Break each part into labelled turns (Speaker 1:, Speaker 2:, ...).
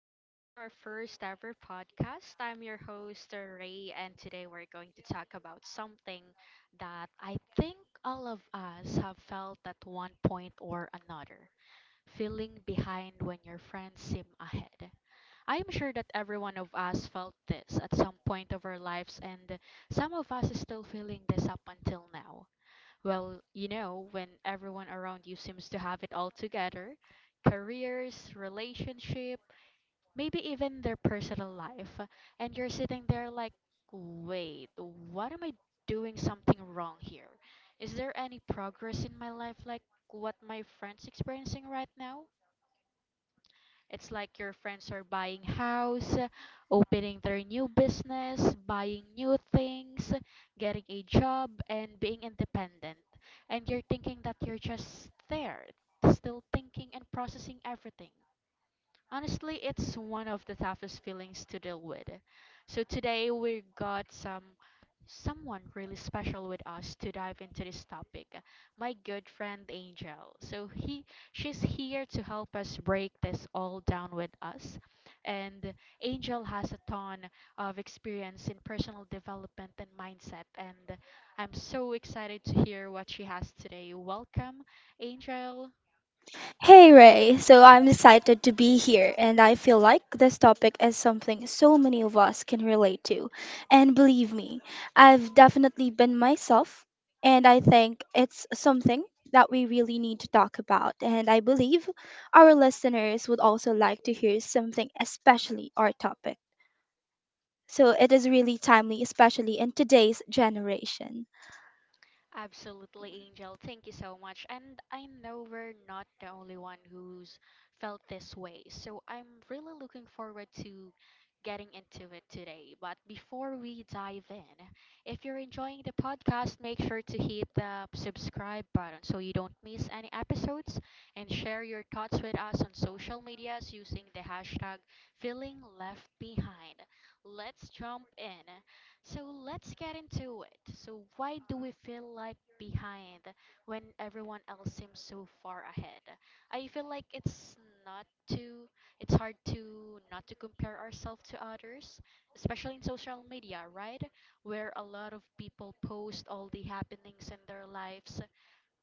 Speaker 1: welcome to our first ever podcast. I'm your host Ray, and today we're going to talk about something that I think all of us have felt at one point or another, feeling behind when your friends seem ahead. I am sure that every one of us felt this at some point of our lives, and some of us is still feeling this up until now. Well, you know, when everyone around you seems to have it all together, careers, relationships, maybe even their personal life, and you're sitting there like, wait, what am I doing something wrong here? Is there any progress in my life like what my friends experiencing right now? It's like your friends are buying house, opening their new business, buying new things, getting a job and being independent. And you're thinking that you're just there, still thinking and processing everything. Honestly, it's one of the toughest feelings to deal with. So today we got someone really special with us to dive into this topic. My good friend Angel. So he she's here to help us break this all down with us. And Angel has a ton of experience in personal development and mindset, and I'm so excited to hear what she has today. Welcome, Angel.
Speaker 2: Hey Ray, so I'm excited to be here, and I feel like this topic is something so many of us can relate to. And believe me, I've definitely been myself, and I think it's something that we really need to talk about. And I believe our listeners would also like to hear something, especially our topic. So it is really timely, especially in today's generation.
Speaker 1: Absolutely, Angel. Thank you so much. And I know we're not the only one who's felt this way. So I'm really looking forward to getting into it today. But before we dive in, if you're enjoying the podcast, make sure to hit the subscribe button so you don't miss any episodes, and share your thoughts with us on social medias using the hashtag feeling left behind. Let's jump in. So let's get into it. So, why do we feel like behind when everyone else seems so far ahead? I feel like not to it's hard to not to compare ourselves to others, especially in social media, right? Where a lot of people post all the happenings in their lives,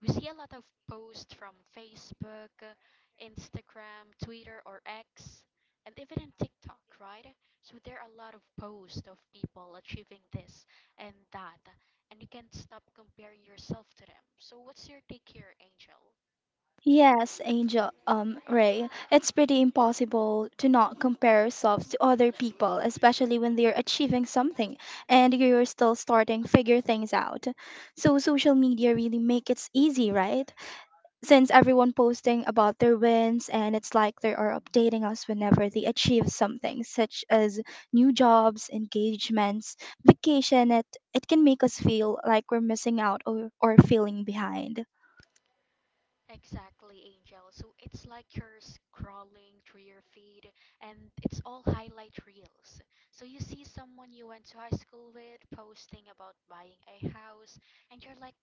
Speaker 1: we see a lot of posts from Facebook, Instagram, Twitter, or X, and even in TikTok, right? So there are a lot of posts of people achieving this and that, and you can't stop comparing yourself to them. So, what's your take here, Angel?
Speaker 2: Yes, Ray, it's pretty impossible to not compare yourselves to other people, especially when they're achieving something and you're still starting figure things out. So social media really make it easy, right? Since everyone posting about their wins and it's like they are updating us whenever they achieve something, such as new jobs, engagements, vacation, it can make us feel like we're missing out or feeling behind.
Speaker 1: Exactly, Angel. So it's like you're scrolling through your feed and it's all highlight reels. So you see someone you went to high school with posting about buying a house, and you're like,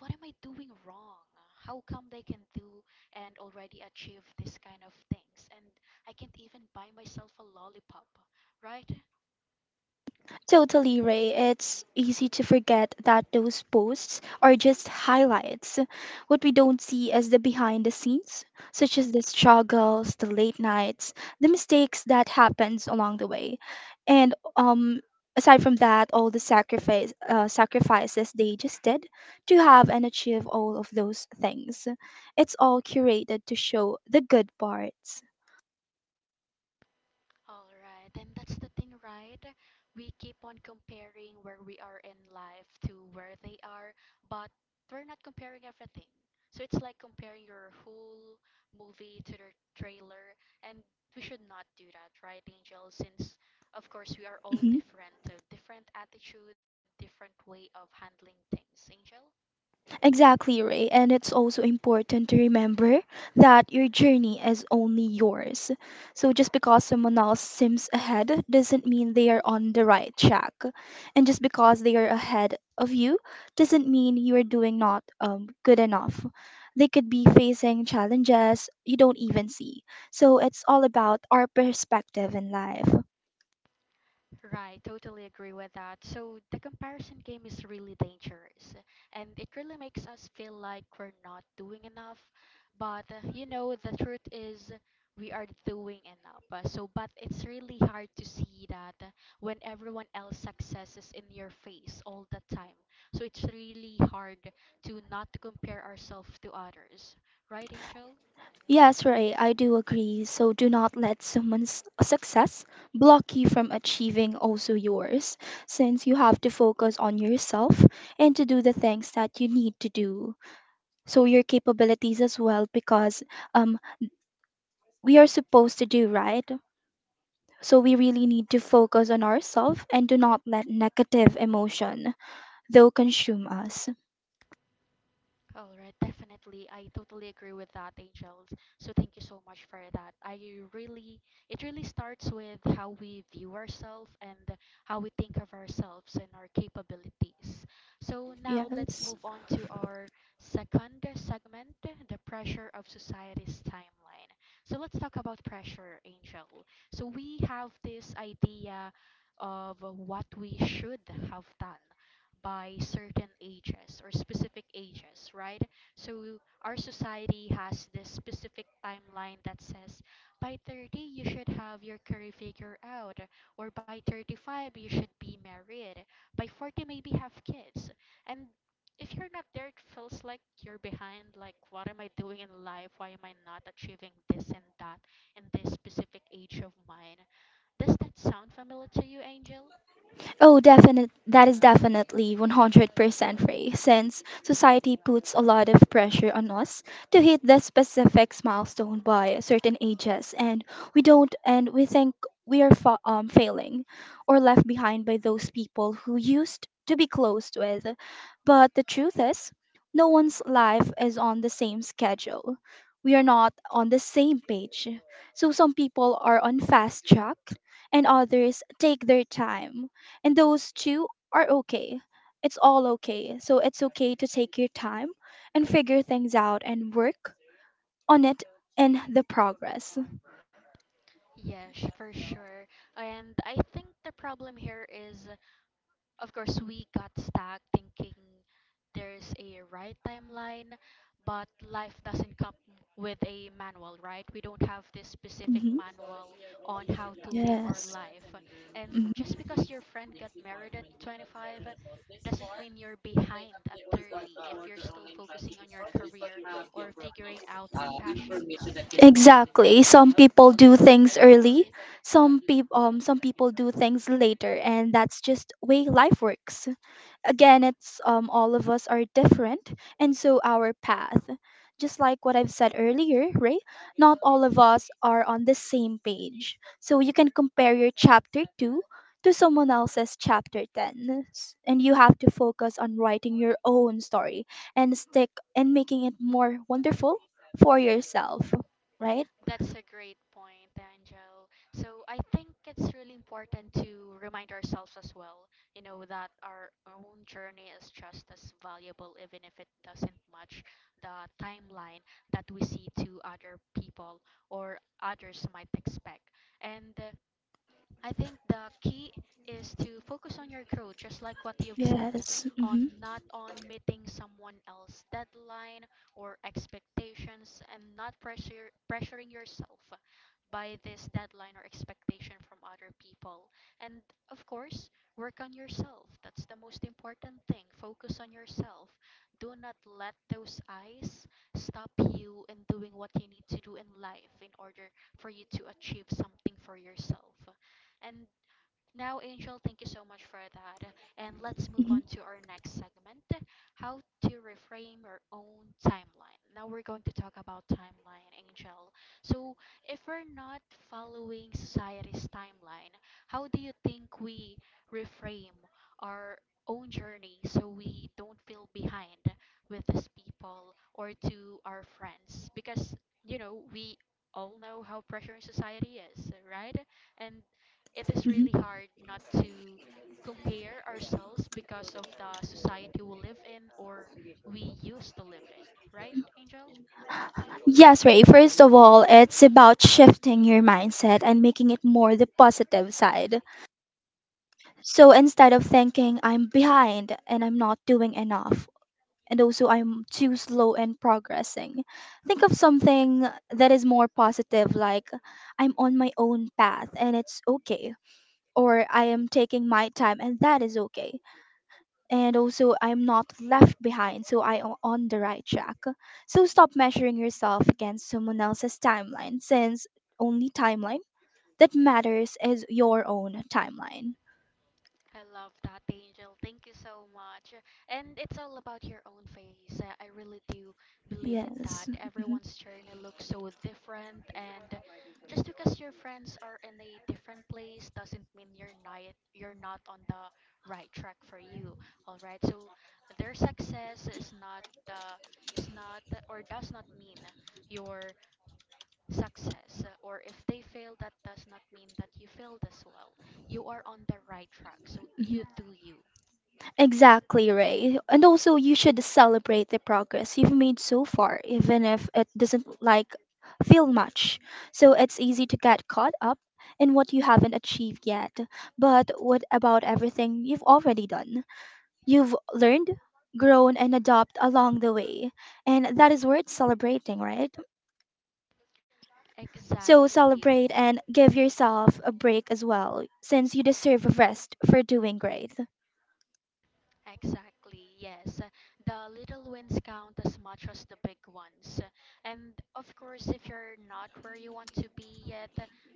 Speaker 1: what am I doing wrong? How come they can do and already achieve this kind of things? And I can't even buy myself a lollipop, right?
Speaker 2: Totally, Ray. It's easy to forget that those posts are just highlights. What we don't see is the behind the scenes, such as the struggles, the late nights, the mistakes that happens along the way, and aside from that, all the sacrifices they just did to have and achieve all of those things. It's all curated to show the good parts.
Speaker 1: All right, and that's the thing, right? We keep on comparing where we are in life to where they are, but we're not comparing everything. So it's like comparing your whole movie to the trailer, and we should not do that, right, Angel? Since, of course, we are all
Speaker 2: Mm-hmm.
Speaker 1: different, different attitude, different way of handling things, Angel?
Speaker 2: Exactly, Ray. And it's also important to remember that your journey is only yours. So just because someone else seems ahead doesn't mean they are on the right track. And just because they are ahead of you doesn't mean you are doing not good enough. They could be facing challenges you don't even see. So it's all about our perspective in life.
Speaker 1: Right, totally agree with that. So the comparison game is really dangerous, and it really makes us feel like we're not doing enough. But you know, the truth is we are doing enough. But it's really hard to see that when everyone else's success is in your face all the time. So it's really hard to not compare ourselves to others. Right, Angel?
Speaker 2: Yes, right, I do agree. So do not let someone's success block you from achieving also yours, since you have to focus on yourself and to do the things that you need to do. So your capabilities as well, because um, we are supposed to do right. So we really need to focus on ourselves and do not let negative emotion, though, consume us.
Speaker 1: All right, definitely. I totally agree with that, Angels. So thank you so much for that. I really, it really starts with how we view ourselves and how we think of ourselves and our capabilities. So now let's
Speaker 2: Yes.
Speaker 1: move on to our second segment, the pressure of society's timeline. So let's talk about pressure, Angel. So we have this idea of what we should have done by certain ages or specific ages, right? So our society has this specific timeline that says by 30 you should have your career figure out, or by 35 you should be married, by 40 maybe have kids. And if you're not there, it feels like you're behind. Like, what am I doing in life? Why am I not achieving this and that in this specific age of mine? Does that sound familiar to you, Angel?
Speaker 2: Oh, definite. That is definitely 100% Ray, since society puts a lot of pressure on us to hit the specific milestone by certain ages, and we don't, and we think we are failing or left behind by those people who used to be close with. But the truth is, no one's life is on the same schedule. We are not on the same page. So some people are on fast track, and others take their time and those two are okay. It's all okay. So it's okay to take your time and figure things out and work on it in the progress.
Speaker 1: Yes, for sure. And I think the problem here is, of course, we got stuck thinking there's a right timeline, but life doesn't come with a manual, right? We don't have this specific
Speaker 2: Hmm.
Speaker 1: manual on how to live our
Speaker 2: Yes.
Speaker 1: life. And
Speaker 2: Mhm.
Speaker 1: just because your friend got married at 25 doesn't mean you're behind at 30 if you're still focusing on your career or figuring out your passions.
Speaker 2: Exactly. Some people do things early. Some people do things later, and that's just way life works. Again, it's all of us are different, and so our path, just like what I've said earlier, right, not all of us are on the same page. So you can compare your chapter 2 to someone else's chapter 10 and you have to focus on writing your own story and stick and making it more wonderful for yourself, right?
Speaker 1: That's a great point, Angel. So I think it's really important to remind ourselves as well, you know, that our own journey is just as valuable, even if it doesn't match the timeline that we see to other people or others might expect. And I think the key is to focus on your growth, just like what you've said,
Speaker 2: Yes.
Speaker 1: on
Speaker 2: Hmm.
Speaker 1: not on meeting someone else's deadline or expectations, and not pressure pressuring yourself by this deadline or expectation from other people. And of course, work on yourself. That's the most important thing. Focus on yourself. Do not let those eyes stop you in doing what you need to do in life in order for you to achieve something for yourself. And now, Angel, thank you so much for that. And let's move
Speaker 2: Hmm.
Speaker 1: on to our next segment, how to reframe your own timeline. Now, we're going to talk about timeline, Angel. So, if we're not following society's timeline, how do you think we reframe our own journey so we don't feel behind with these people or to our friends? Because, you know, we all know how pressuring society is, right? And it is really hard not to compare ourselves because of the society we live in or we used to live in, right, Angel?
Speaker 2: Yes, Ray. First of all, it's about shifting your mindset and making it more the positive side. So instead of thinking I'm behind and I'm not doing enough, and also I'm too slow in progressing, think of something that is more positive, like I'm on my own path and it's okay, or I am taking my time and that is okay, and also I'm not left behind, so I am on the right track. So stop measuring yourself against someone else's timeline, since only timeline that matters is your own timeline.
Speaker 1: I love that, Angel. Thank you so much. And it's all about your own face. I really do believe in
Speaker 2: Yes.
Speaker 1: that.
Speaker 2: Mhm.
Speaker 1: Everyone's journey looks so different, and just because your friends are in a different place doesn't mean you're not on the right track for you. All right. So their success is not the is not or does not mean your success, or if they fail that does not mean that you failed as well, you are on the right track so you
Speaker 2: Mhm.
Speaker 1: do you,
Speaker 2: Exactly, Ray. And also, you should celebrate the progress you've made so far, even if it doesn't like feel much. So it's easy to get caught up in what you haven't achieved yet. But what about everything you've already done? You've learned, grown, and adopt along the way. And that is worth celebrating, right? So
Speaker 1: exactly.
Speaker 2: celebrate and give yourself a break as well, since you deserve a rest for doing great.
Speaker 1: Exactly, yes. The little wins count as much as the big ones. And of course, if you're not where you want to be yet,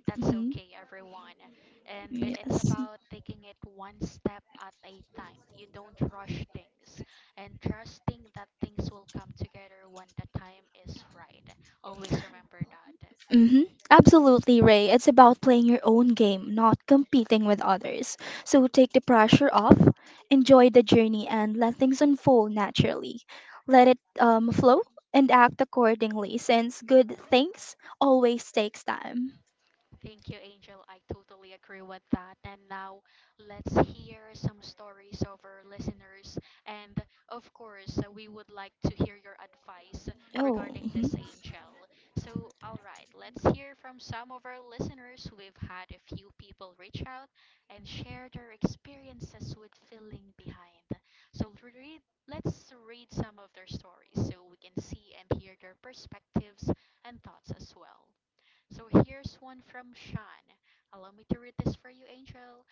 Speaker 1: that's
Speaker 2: Hmm.
Speaker 1: okay, everyone. And it's
Speaker 2: Yes.
Speaker 1: about taking it one step at a time. You don't rush things and trusting that things will come together when the time is right. Always remember that.
Speaker 2: Hmm. Absolutely, Ray. It's about playing your own game, not competing with others. So take the pressure off, enjoy the journey, and let things unfold naturally. Let it flow and act accordingly, since good things always takes time.
Speaker 1: Thank you, Angel. I totally agree with that. And now let's hear some stories of our listeners. And of course, we would like to hear your advice
Speaker 2: Oh,
Speaker 1: regarding
Speaker 2: mhm.
Speaker 1: this, Angel. So, all right, let's hear from some of our listeners. We've had a few people reach out and share their experiences with feeling behind. So, read, let's read some of their stories so we can see and hear their perspectives and thoughts as well. So here's one from Sean. Allow me to read this for you, Angel.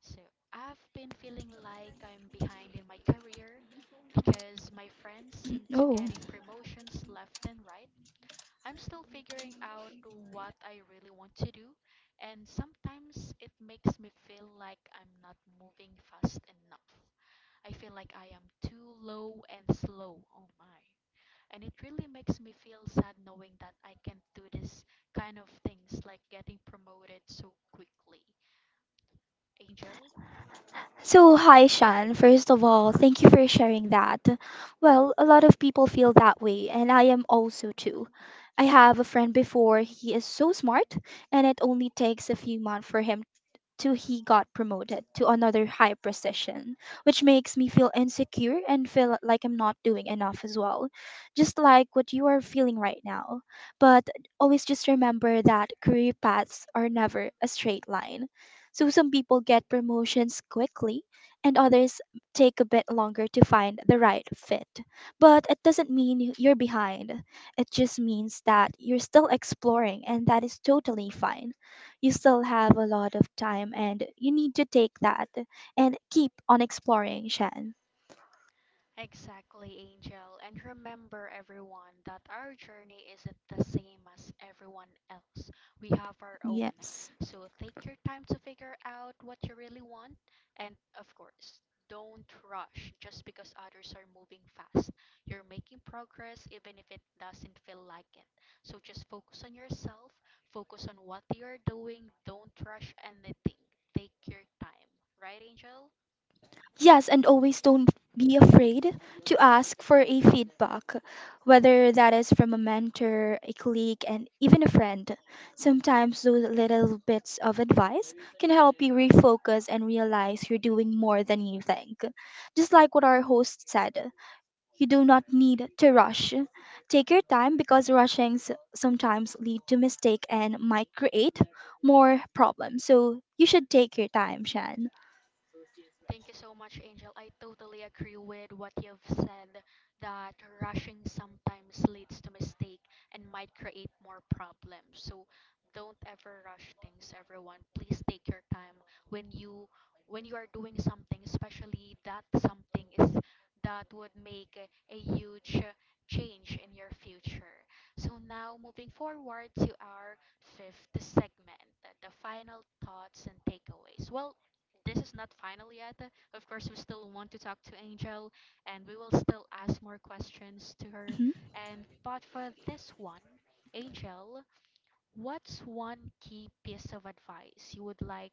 Speaker 1: So I've been feeling like I'm behind in my career because my friends seem to
Speaker 2: Oh.
Speaker 1: getting promotions left and right. I'm still figuring out what I really want to do, and sometimes it makes me feel like I'm not moving fast enough. I feel like I am too low and slow. Oh my. And it really makes me feel sad knowing that I can't do this kind of things like getting promoted so quickly. Angel?
Speaker 2: So, hi, Shan. First of all, thank you for sharing that. Well, a lot of people feel that way, and I am also too. I have a friend before, he is so smart, and it only takes a few months for him till he got promoted to another high position, which makes me feel insecure and feel like I'm not doing enough as well, just like what you are feeling right now. But always just remember that career paths are never a straight line. So some people get promotions quickly and others take a bit longer to find the right fit. But it doesn't mean you're behind. It just means that you're still exploring, and that is totally fine. You still have a lot of time and you need to take that and keep on exploring, Shan.
Speaker 1: Exactly, Angel. And remember, everyone, that our journey isn't the same as everyone else. We have our own.
Speaker 2: Yes.
Speaker 1: So take your time to figure out what you really want. And of course, don't rush just because others are moving fast. You're making progress even if it doesn't feel like it. So just focus on yourself, focus on what you're doing. Don't rush anything. Take your time. Right, Angel?
Speaker 2: Yes, and always don't be afraid to ask for a feedback, whether that is from a mentor, a colleague, and even a friend. Sometimes those little bits of advice can help you refocus and realize you're doing more than you think. Just like what our host said, you do not need to rush. Take your time because sometimes lead to mistake and might create more problems. So you should take your time, Shan.
Speaker 1: Thank you so much, Angel. I totally agree with what you've said, that rushing sometimes leads to mistake and might create more problems. So don't ever rush things, everyone. Please take your time when you when you are doing something, especially that something is that would make a huge change in your future. So now moving forward to our fifth segment, the final thoughts and takeaways. Well, this is not final yet. Of course, we still want to talk to Angel and we will still ask more questions to her.
Speaker 2: Mhm.
Speaker 1: And but for this one, Angel, what's one key piece of advice you would like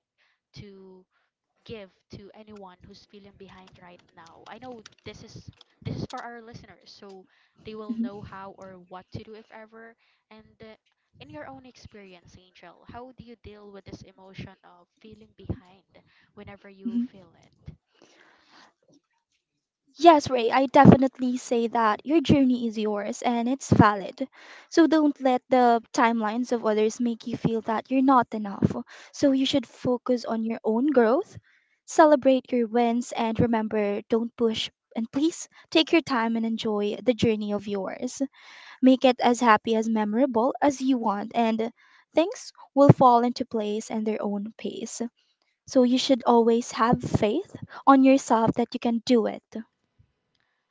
Speaker 1: to give to anyone who's feeling behind right now? I know this is for our listeners, so they will know how or what to do if ever. And In your own experience, Angel, how do you deal with this emotion of feeling behind whenever you
Speaker 2: Mhm.
Speaker 1: feel it?
Speaker 2: Yes, Ray, I definitely say that your journey is yours and it's valid. So don't let the timelines of others make you feel that you're not enough. So you should focus on your own growth, celebrate your wins, and remember don't push. And please take your time and enjoy the journey of yours. Make it as happy, as memorable as you want, and things will fall into place and their own pace. So you should always have faith on yourself that you can do it.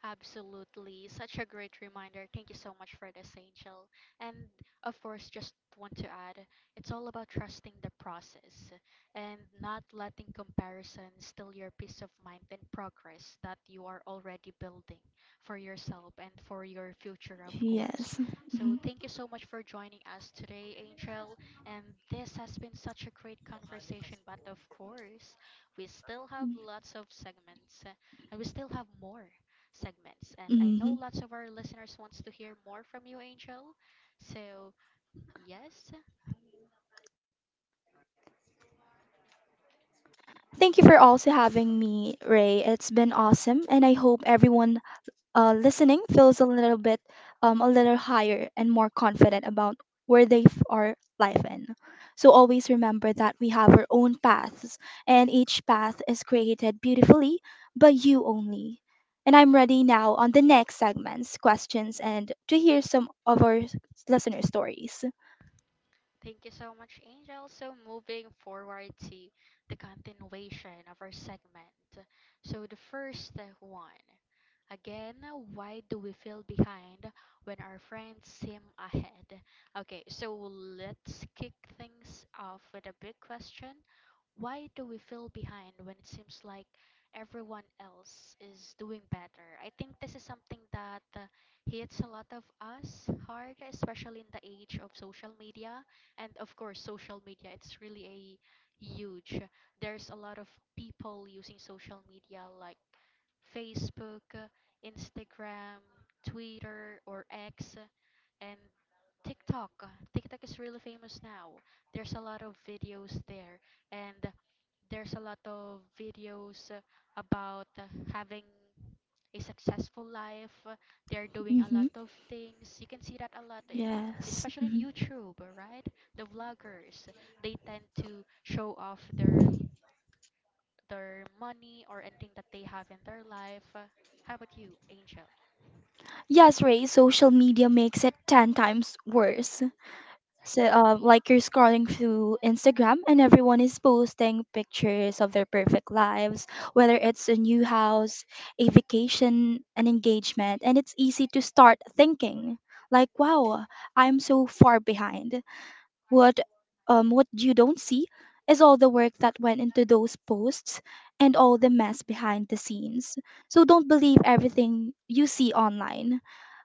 Speaker 1: Absolutely. Such a great reminder. Thank you so much for this, Angel. And of course, just want to add, it's all about trusting the process and not letting comparison steal your peace of mind and progress that you are already building for yourself and for your future, of course.
Speaker 2: Yes.
Speaker 1: So
Speaker 2: Hmm.
Speaker 1: thank you so much for joining us today, Angel. And this has been such a great conversation, but of course, we still have lots of segments and we still have more segments. And I know
Speaker 2: Hmm.
Speaker 1: lots of our listeners wants to hear more from you, Angel. So, yes.
Speaker 2: Thank you for also having me, Ray. It's been awesome, and I hope everyone listening feels a little bit, a little higher and more confident about where they are life in. So always remember that we have our own paths, and each path is created beautifully by you only. And I'm ready now on the next segments, questions, and to hear some of our listener stories.
Speaker 1: Thank you so much, Angel. So, moving forward to the continuation of our segment. So, the first one again, why do we feel behind when our friends seem ahead? Okay, so let's kick things off with a big question. Why do we feel behind when it seems like everyone else is doing better? I think this is something that hits a lot of us hard, especially in the age of social media. And of course, social media, it's really a huge, there's a lot of people using social media like Facebook, Instagram, Twitter or X, and TikTok. TikTok is really famous now. There's a lot of videos there. And there's a lot of videos about having a successful life. They're doing a
Speaker 2: Hmm.
Speaker 1: lot of things. You can see that a lot in,
Speaker 2: Yes.
Speaker 1: especially in YouTube, right? The vloggers, they tend to show off their money or anything that they have in their life. How about you, Angel?
Speaker 2: Yes, Ray, social media makes it 10 times worse. So, like you're scrolling through Instagram and everyone is posting pictures of their perfect lives, whether it's a new house, a vacation, an engagement, and it's easy to start thinking, like, wow, I'm so far behind. What, what you don't see is all the work that went into those posts and all the mess behind the scenes. So don't believe everything you see online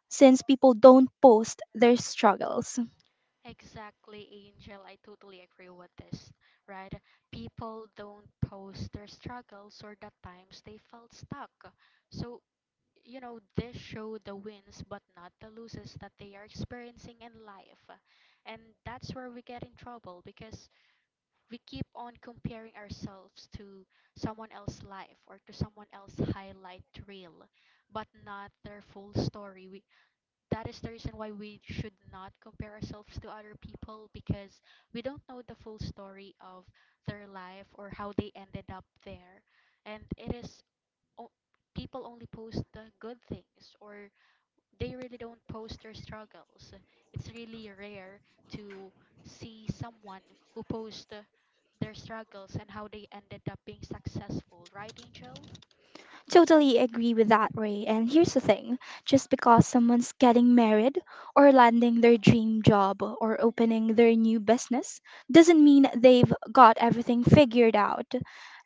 Speaker 2: since people don't post their struggles.
Speaker 1: Exactly, Angel. I totally agree with this, right? People don't post their struggles or the times they felt stuck. So, this show the wins but not the losses that they are experiencing in life. And that's where we get in trouble because we keep on comparing ourselves to someone else's life or to someone else's highlight reel, but not their full story. We That is the reason why we should not compare ourselves to other people, because we don't know the full story of their life or how they ended up there. And it is o- people only post the good things, or they really don't post their struggles. It's really rare to see someone who posts their struggles and how they ended up being successful, right, Angel?
Speaker 2: Totally agree with that, Ray. And here's the thing, just because someone's getting married or landing their dream job or opening their new business doesn't mean they've got everything figured out.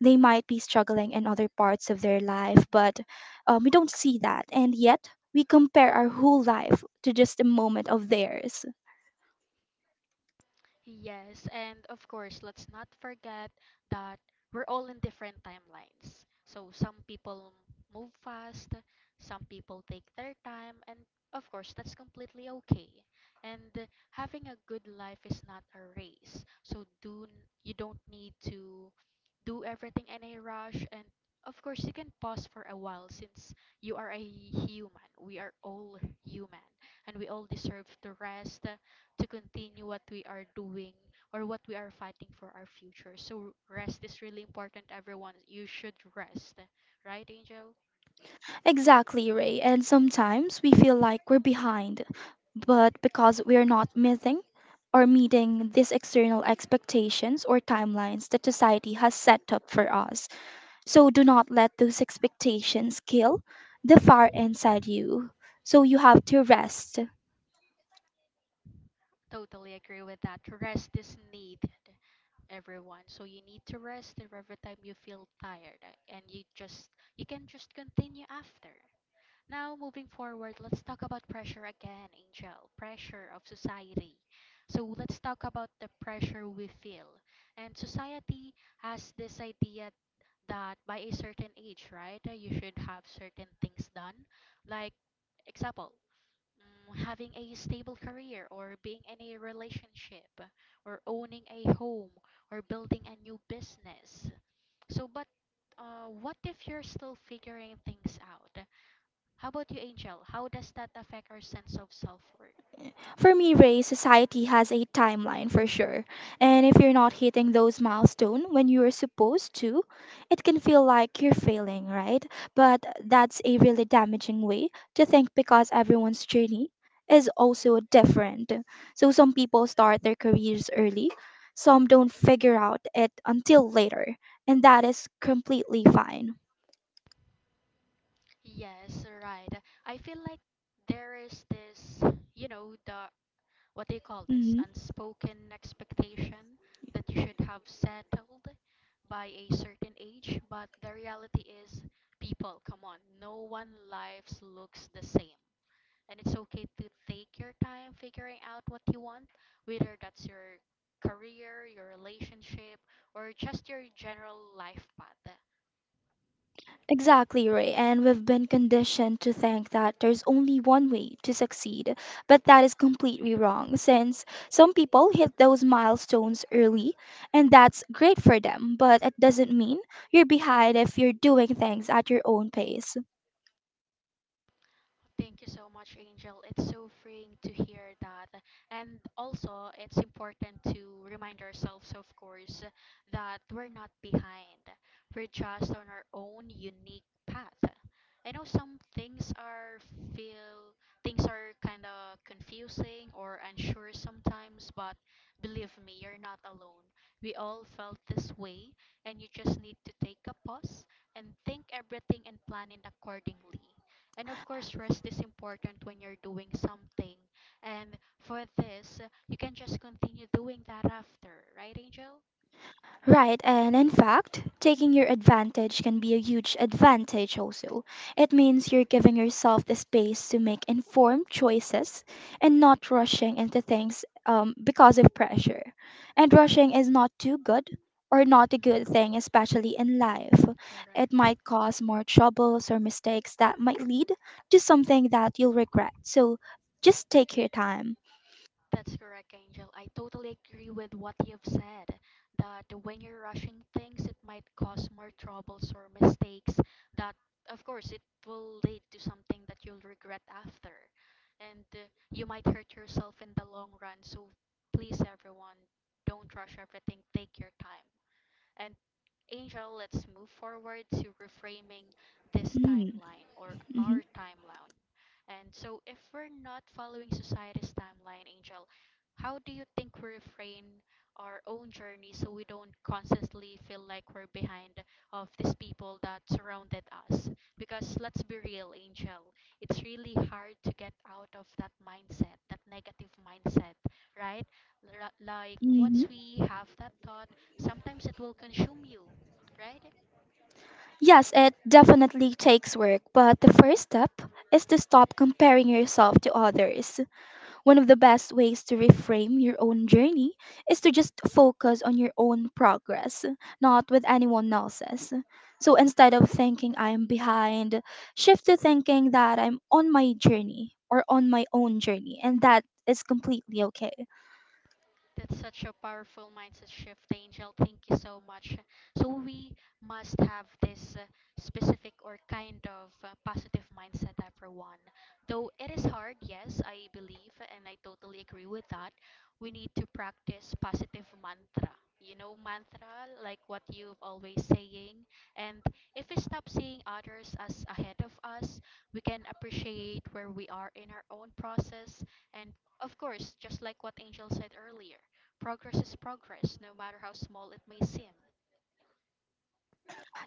Speaker 2: They might be struggling in other parts of their life, but we don't see that. And yet, we compare our whole life to just a moment of theirs.
Speaker 1: Yes, and of course, let's not forget that we're all in different timelines. So some people move fast, some people take their time, and of course, that's completely okay. And having a good life is not a race. So you don't need to do everything in a rush, and of course you can pause for a while since you are a human. We are all human, and we all deserve to rest, to continue what we are doing or what we are fighting for our future. So rest is really important, everyone. You should rest, right, Angel?
Speaker 2: Exactly, Ray. And sometimes we feel like we're behind, but because we're not meeting these external expectations or timelines that society has set up for us. So do not let those expectations kill the fire inside you. So you have to rest.
Speaker 1: Totally agree with that. Rest is needed, everyone. So you need to rest every time you feel tired, and you can just continue after. Now, moving forward, let's talk about pressure again, Angel. Pressure of society. So, let's talk about the pressure we feel. And society has this idea that by a certain age, right, you should have certain things done. Like, example, mm, having a stable career or being in a relationship or owning a home or building a new business. So, but what if you're still figuring things out? How about you, Angel? How does that affect our sense of self-worth?
Speaker 2: For me, Ray, society has a timeline for sure. And if you're not hitting those milestones when you are supposed to, it can feel like you're failing, right? But that's a really damaging way to think because everyone's journey is also different. So some people start their careers early, some don't figure out it until later, and that is completely fine.
Speaker 1: Yes, right. I feel like there is this, you know, the what do you call this
Speaker 2: Mhm.
Speaker 1: unspoken expectation that you should have settled by a certain age, but the reality is, people, come on, no one lives looks the same, and it's okay to take your time figuring out what you want, whether that's your career, your relationship, or just your general life path.
Speaker 2: Exactly, Ray. And we've been conditioned to think that there's only one way to succeed, but that is completely wrong since some people hit those milestones early, and that's great for them, but it doesn't mean you're behind if you're doing things at your own pace.
Speaker 1: Thank you so much, Angel. It's so freeing to hear that. And also, it's important to remind ourselves, of course, that we're not behind. We're just on our own unique path. I know some things are feel things are kind of confusing or unsure sometimes, but believe me, you're not alone. We all felt this way, and you just need to take a pause and think everything and plan it accordingly, and of course, rest is important when you're doing something. And for this, you can just continue doing that after, right, Angel?
Speaker 2: Right, and in fact, taking your advantage can be a huge advantage also. It means you're giving yourself the space to make informed choices and not rushing into things because of pressure. And rushing is not too good or not a good
Speaker 1: Hmm.
Speaker 2: thing, especially in life. It
Speaker 1: Correct.
Speaker 2: might cause more troubles or mistakes that might lead to something that you'll regret. So just take your time.
Speaker 1: That's correct, Angel. I totally agree with what you've said, that when you're rushing things, it might cause more troubles or mistakes that, of course, it will lead to something that you'll regret after. And you might hurt yourself in the long run. So please, everyone, don't rush everything. Take your time. And Angel, let's move forward to reframing this
Speaker 2: Hmm.
Speaker 1: timeline or
Speaker 2: Mm-hmm.
Speaker 1: our timeline. And so, if we're not following society's timeline, Angel, how do you think we refrain our own journey so we don't constantly feel like we're behind of these people that surrounded us? Because let's be real, Angel, it's really hard to get out of that mindset, that negative mindset, right? Ra- Like
Speaker 2: Mm-hmm.
Speaker 1: once we have that thought, sometimes it will consume you, right?
Speaker 2: Yes, it definitely takes work, but the first step is to stop comparing yourself to others. One of the best ways to reframe your own journey is to just focus on your own progress, not with anyone else's. So instead of thinking I am behind, shift to thinking that I'm on my journey or on my own journey, and that is completely okay.
Speaker 1: That's such a powerful mindset shift, Angel. Thank you so much. So, we must have this specific or kind of positive mindset, everyone. Though it is hard, yes, I believe, and I totally agree with that. We need to practice positive mantra. You know, mantra, like what you've always saying. And if we stop seeing others as ahead of us, we can appreciate where we are in our own process, and of course, just like what Angel said earlier, progress is progress, no matter how small it may seem.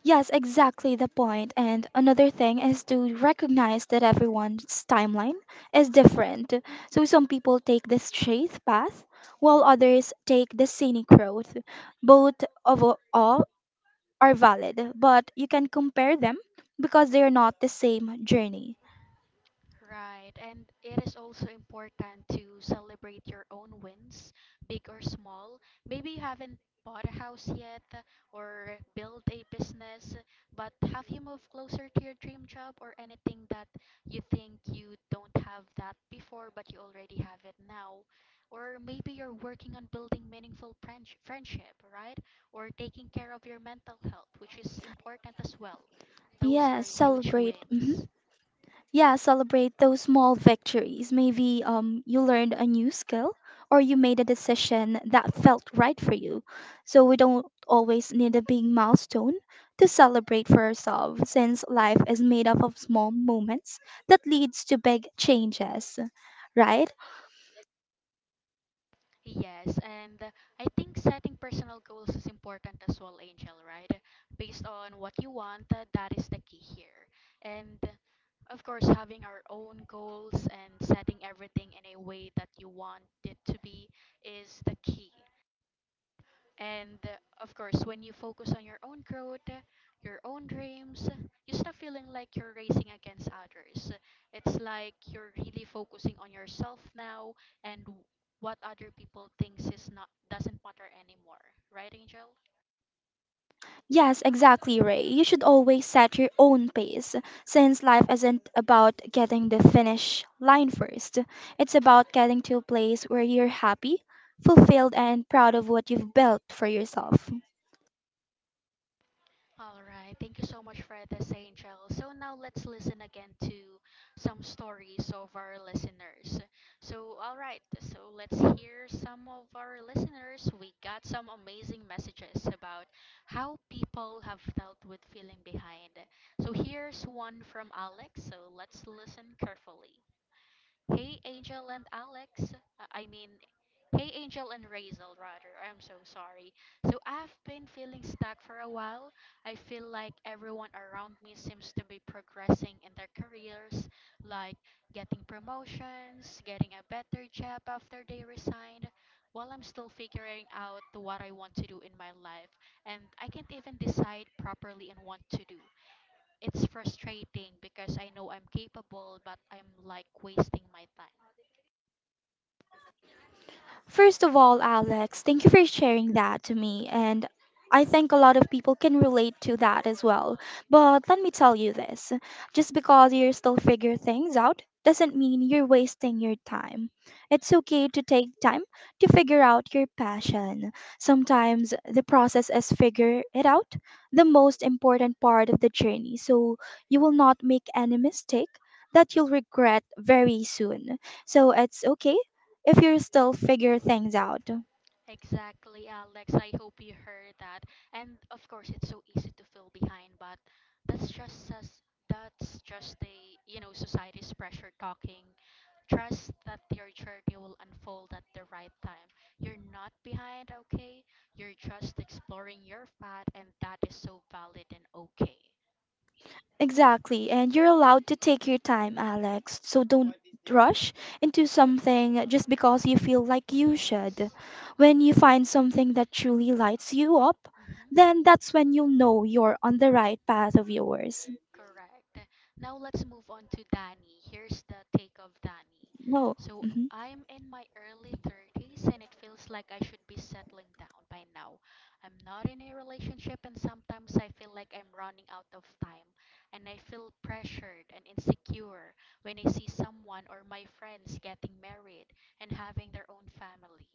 Speaker 2: Yes, exactly the point. And another thing is to recognize that everyone's timeline is different. So some people take the straight path, while others take the scenic route. All are valid, but you can compare them because they are not the same journey.
Speaker 1: Right, and it is also important to celebrate your own wins, big or small. Maybe you haven't bought a house yet or built a business, but have you moved closer to your dream job or anything that you think you don't have that before but you already have it now? Or maybe you're working on building meaningful friendship, right? Or taking care of your mental health, which is important as well. Those are
Speaker 2: Yes,
Speaker 1: huge
Speaker 2: celebrate. Mm-hmm.
Speaker 1: wins.
Speaker 2: Yeah, celebrate those small victories. Maybe you learned a new skill or you made a decision that felt right for you. So we don't always need a big milestone to celebrate for ourselves, since life is made up of small moments that leads to big changes, right?
Speaker 1: Yes, and I think setting personal goals is important as well, Angel, right? Based on what you want, that is the key here. And of course, having our own goals and setting everything in a way that you want it to be is the key. And of course, when you focus on your own growth, your own dreams, you stop feeling like you're racing against others. It's like you're really focusing on yourself now, and what other people thinks is not doesn't matter anymore. Right, Angel?
Speaker 2: Yes, exactly, Ray. You should always set your own pace, since life isn't about getting the finish line first. It's about getting to a place where you're happy, fulfilled, and proud of what you've built for yourself.
Speaker 1: All right, thank you so much for this, Angel. So now let's listen again to some stories of our listeners. So, all right, so let's hear some of our listeners. We got some amazing messages about how people have felt with feeling behind. So, here's one from Alex. So, let's listen carefully. Hey, Angel and Alex. I mean, hey, Angel and Razel, rather. I'm so sorry. So, I've been feeling stuck for a while. I feel like everyone around me seems to be progressing in their careers, like getting promotions, getting a better job after they resigned, while I'm still figuring out what I want to do in my life. And I can't even decide properly on what to do. It's frustrating because I know I'm capable, but I'm like wasting my time.
Speaker 2: First of all, Alex, thank you for sharing that to me. And I think a lot of people can relate to that as well. But let me tell you this, just because you're still figuring things out doesn't mean you're wasting your time. It's okay to take time to figure out your passion. Sometimes the process is figure it out, the most important part of the journey. So you will not make any mistake that you'll regret very soon. So it's okay if you're still figure things out.
Speaker 1: Exactly, Alex. I hope you heard that. And of course, it's so easy to feel behind, but that's just us. That's just the you know society's pressure talking. Trust that your journey will unfold at the right time. You're not behind, okay? You're just exploring your path, and that is so valid and okay.
Speaker 2: Exactly, and you're allowed to take your time, Alex. So don't rush into something just because you feel like you should.
Speaker 1: Yes.
Speaker 2: When you find something that truly lights you up,
Speaker 1: Mm-hmm.
Speaker 2: then that's when you'll know you're on the right path of yours.
Speaker 1: Correct. Now let's move on to Danny. Here's the take of Danny.
Speaker 2: Oh.
Speaker 1: So
Speaker 2: Hmm.
Speaker 1: I'm in my early 30s and it feels like I should be settling down by now. I'm not in a relationship and sometimes I feel like I'm running out of time, and I feel pressured and insecure when I see someone or my friends getting married and having their own family.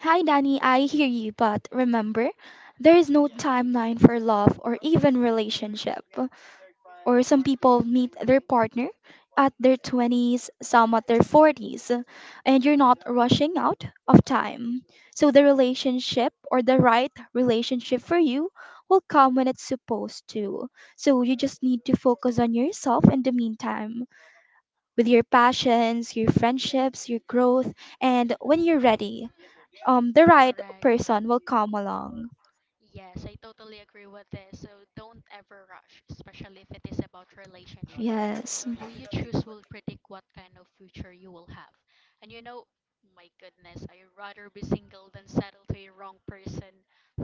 Speaker 2: Hi, Danny. I hear you, but remember, there is no timeline for love or even relationship, or some people meet their partner at their 20s, some at their 40s, and you're not rushing out of time. So the relationship or the right relationship for you will come when it's supposed to. So you just need to focus on yourself in the meantime with your passions, your friendships, your growth, and when you're
Speaker 1: Hmm.
Speaker 2: ready, the right
Speaker 1: Correct.
Speaker 2: person will come along.
Speaker 1: Yes, I totally agree with this. So don't ever rush, especially if it is about relationship.
Speaker 2: Yes.
Speaker 1: Who you choose will predict what kind of future you will have. And you know, my goodness, I'd rather be single than settle to a wrong person.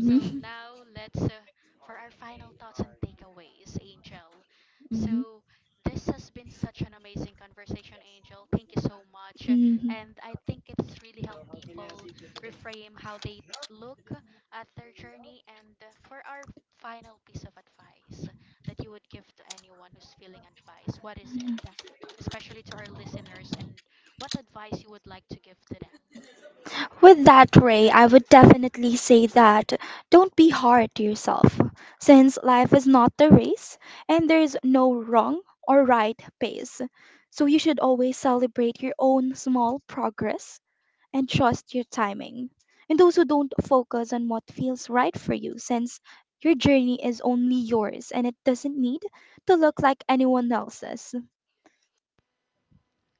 Speaker 1: So now let's for our final thoughts and takeaways, Angel.
Speaker 2: Mhm.
Speaker 1: So this has been such an amazing conversation, Angel. Thank you so much.
Speaker 2: Mhm.
Speaker 1: And I think it's really helped people reframe how they look at their journey. And for our final piece of advice, that you would give to anyone who's feeling advice? What is it? Especially to our listeners, and what advice you would like to give to them?
Speaker 2: With that, Ray, I would definitely say that don't be hard to yourself, since life is not a race and there is no wrong or right pace. So you should always celebrate your own small progress and trust your timing. And also don't focus on what feels right for you, since your journey is only yours and it doesn't need to look like anyone else's.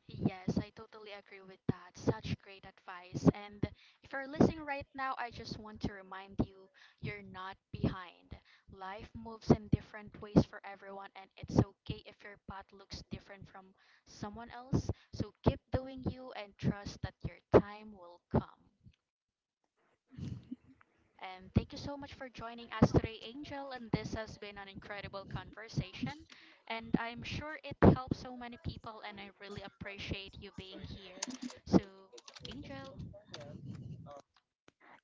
Speaker 1: Yes, I totally agree with that. Such great advice. And if you're listening right now, I just want to remind you, you're not behind. Life moves in different ways for everyone, and it's okay if your path looks different from someone else. So keep doing you and trust that your time will come. And thank you so much for joining us today, Angel. And this has been an incredible conversation. And I'm sure it helps so many people, and I really appreciate you being here. So, Angel,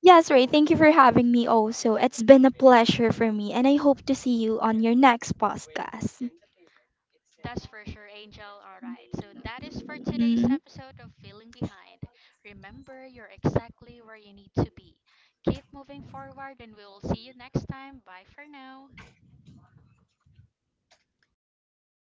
Speaker 2: Yes, Ray, thank you for having me also. It's been a pleasure for me, and I hope to see you on your next podcast.
Speaker 1: that's for sure, Angel. All right. So, that is for today's
Speaker 2: Mm-hmm.
Speaker 1: episode of Feeling Behind. Remember, you're exactly where you need to be. Keep moving forward, and we will see you next time. Bye for now.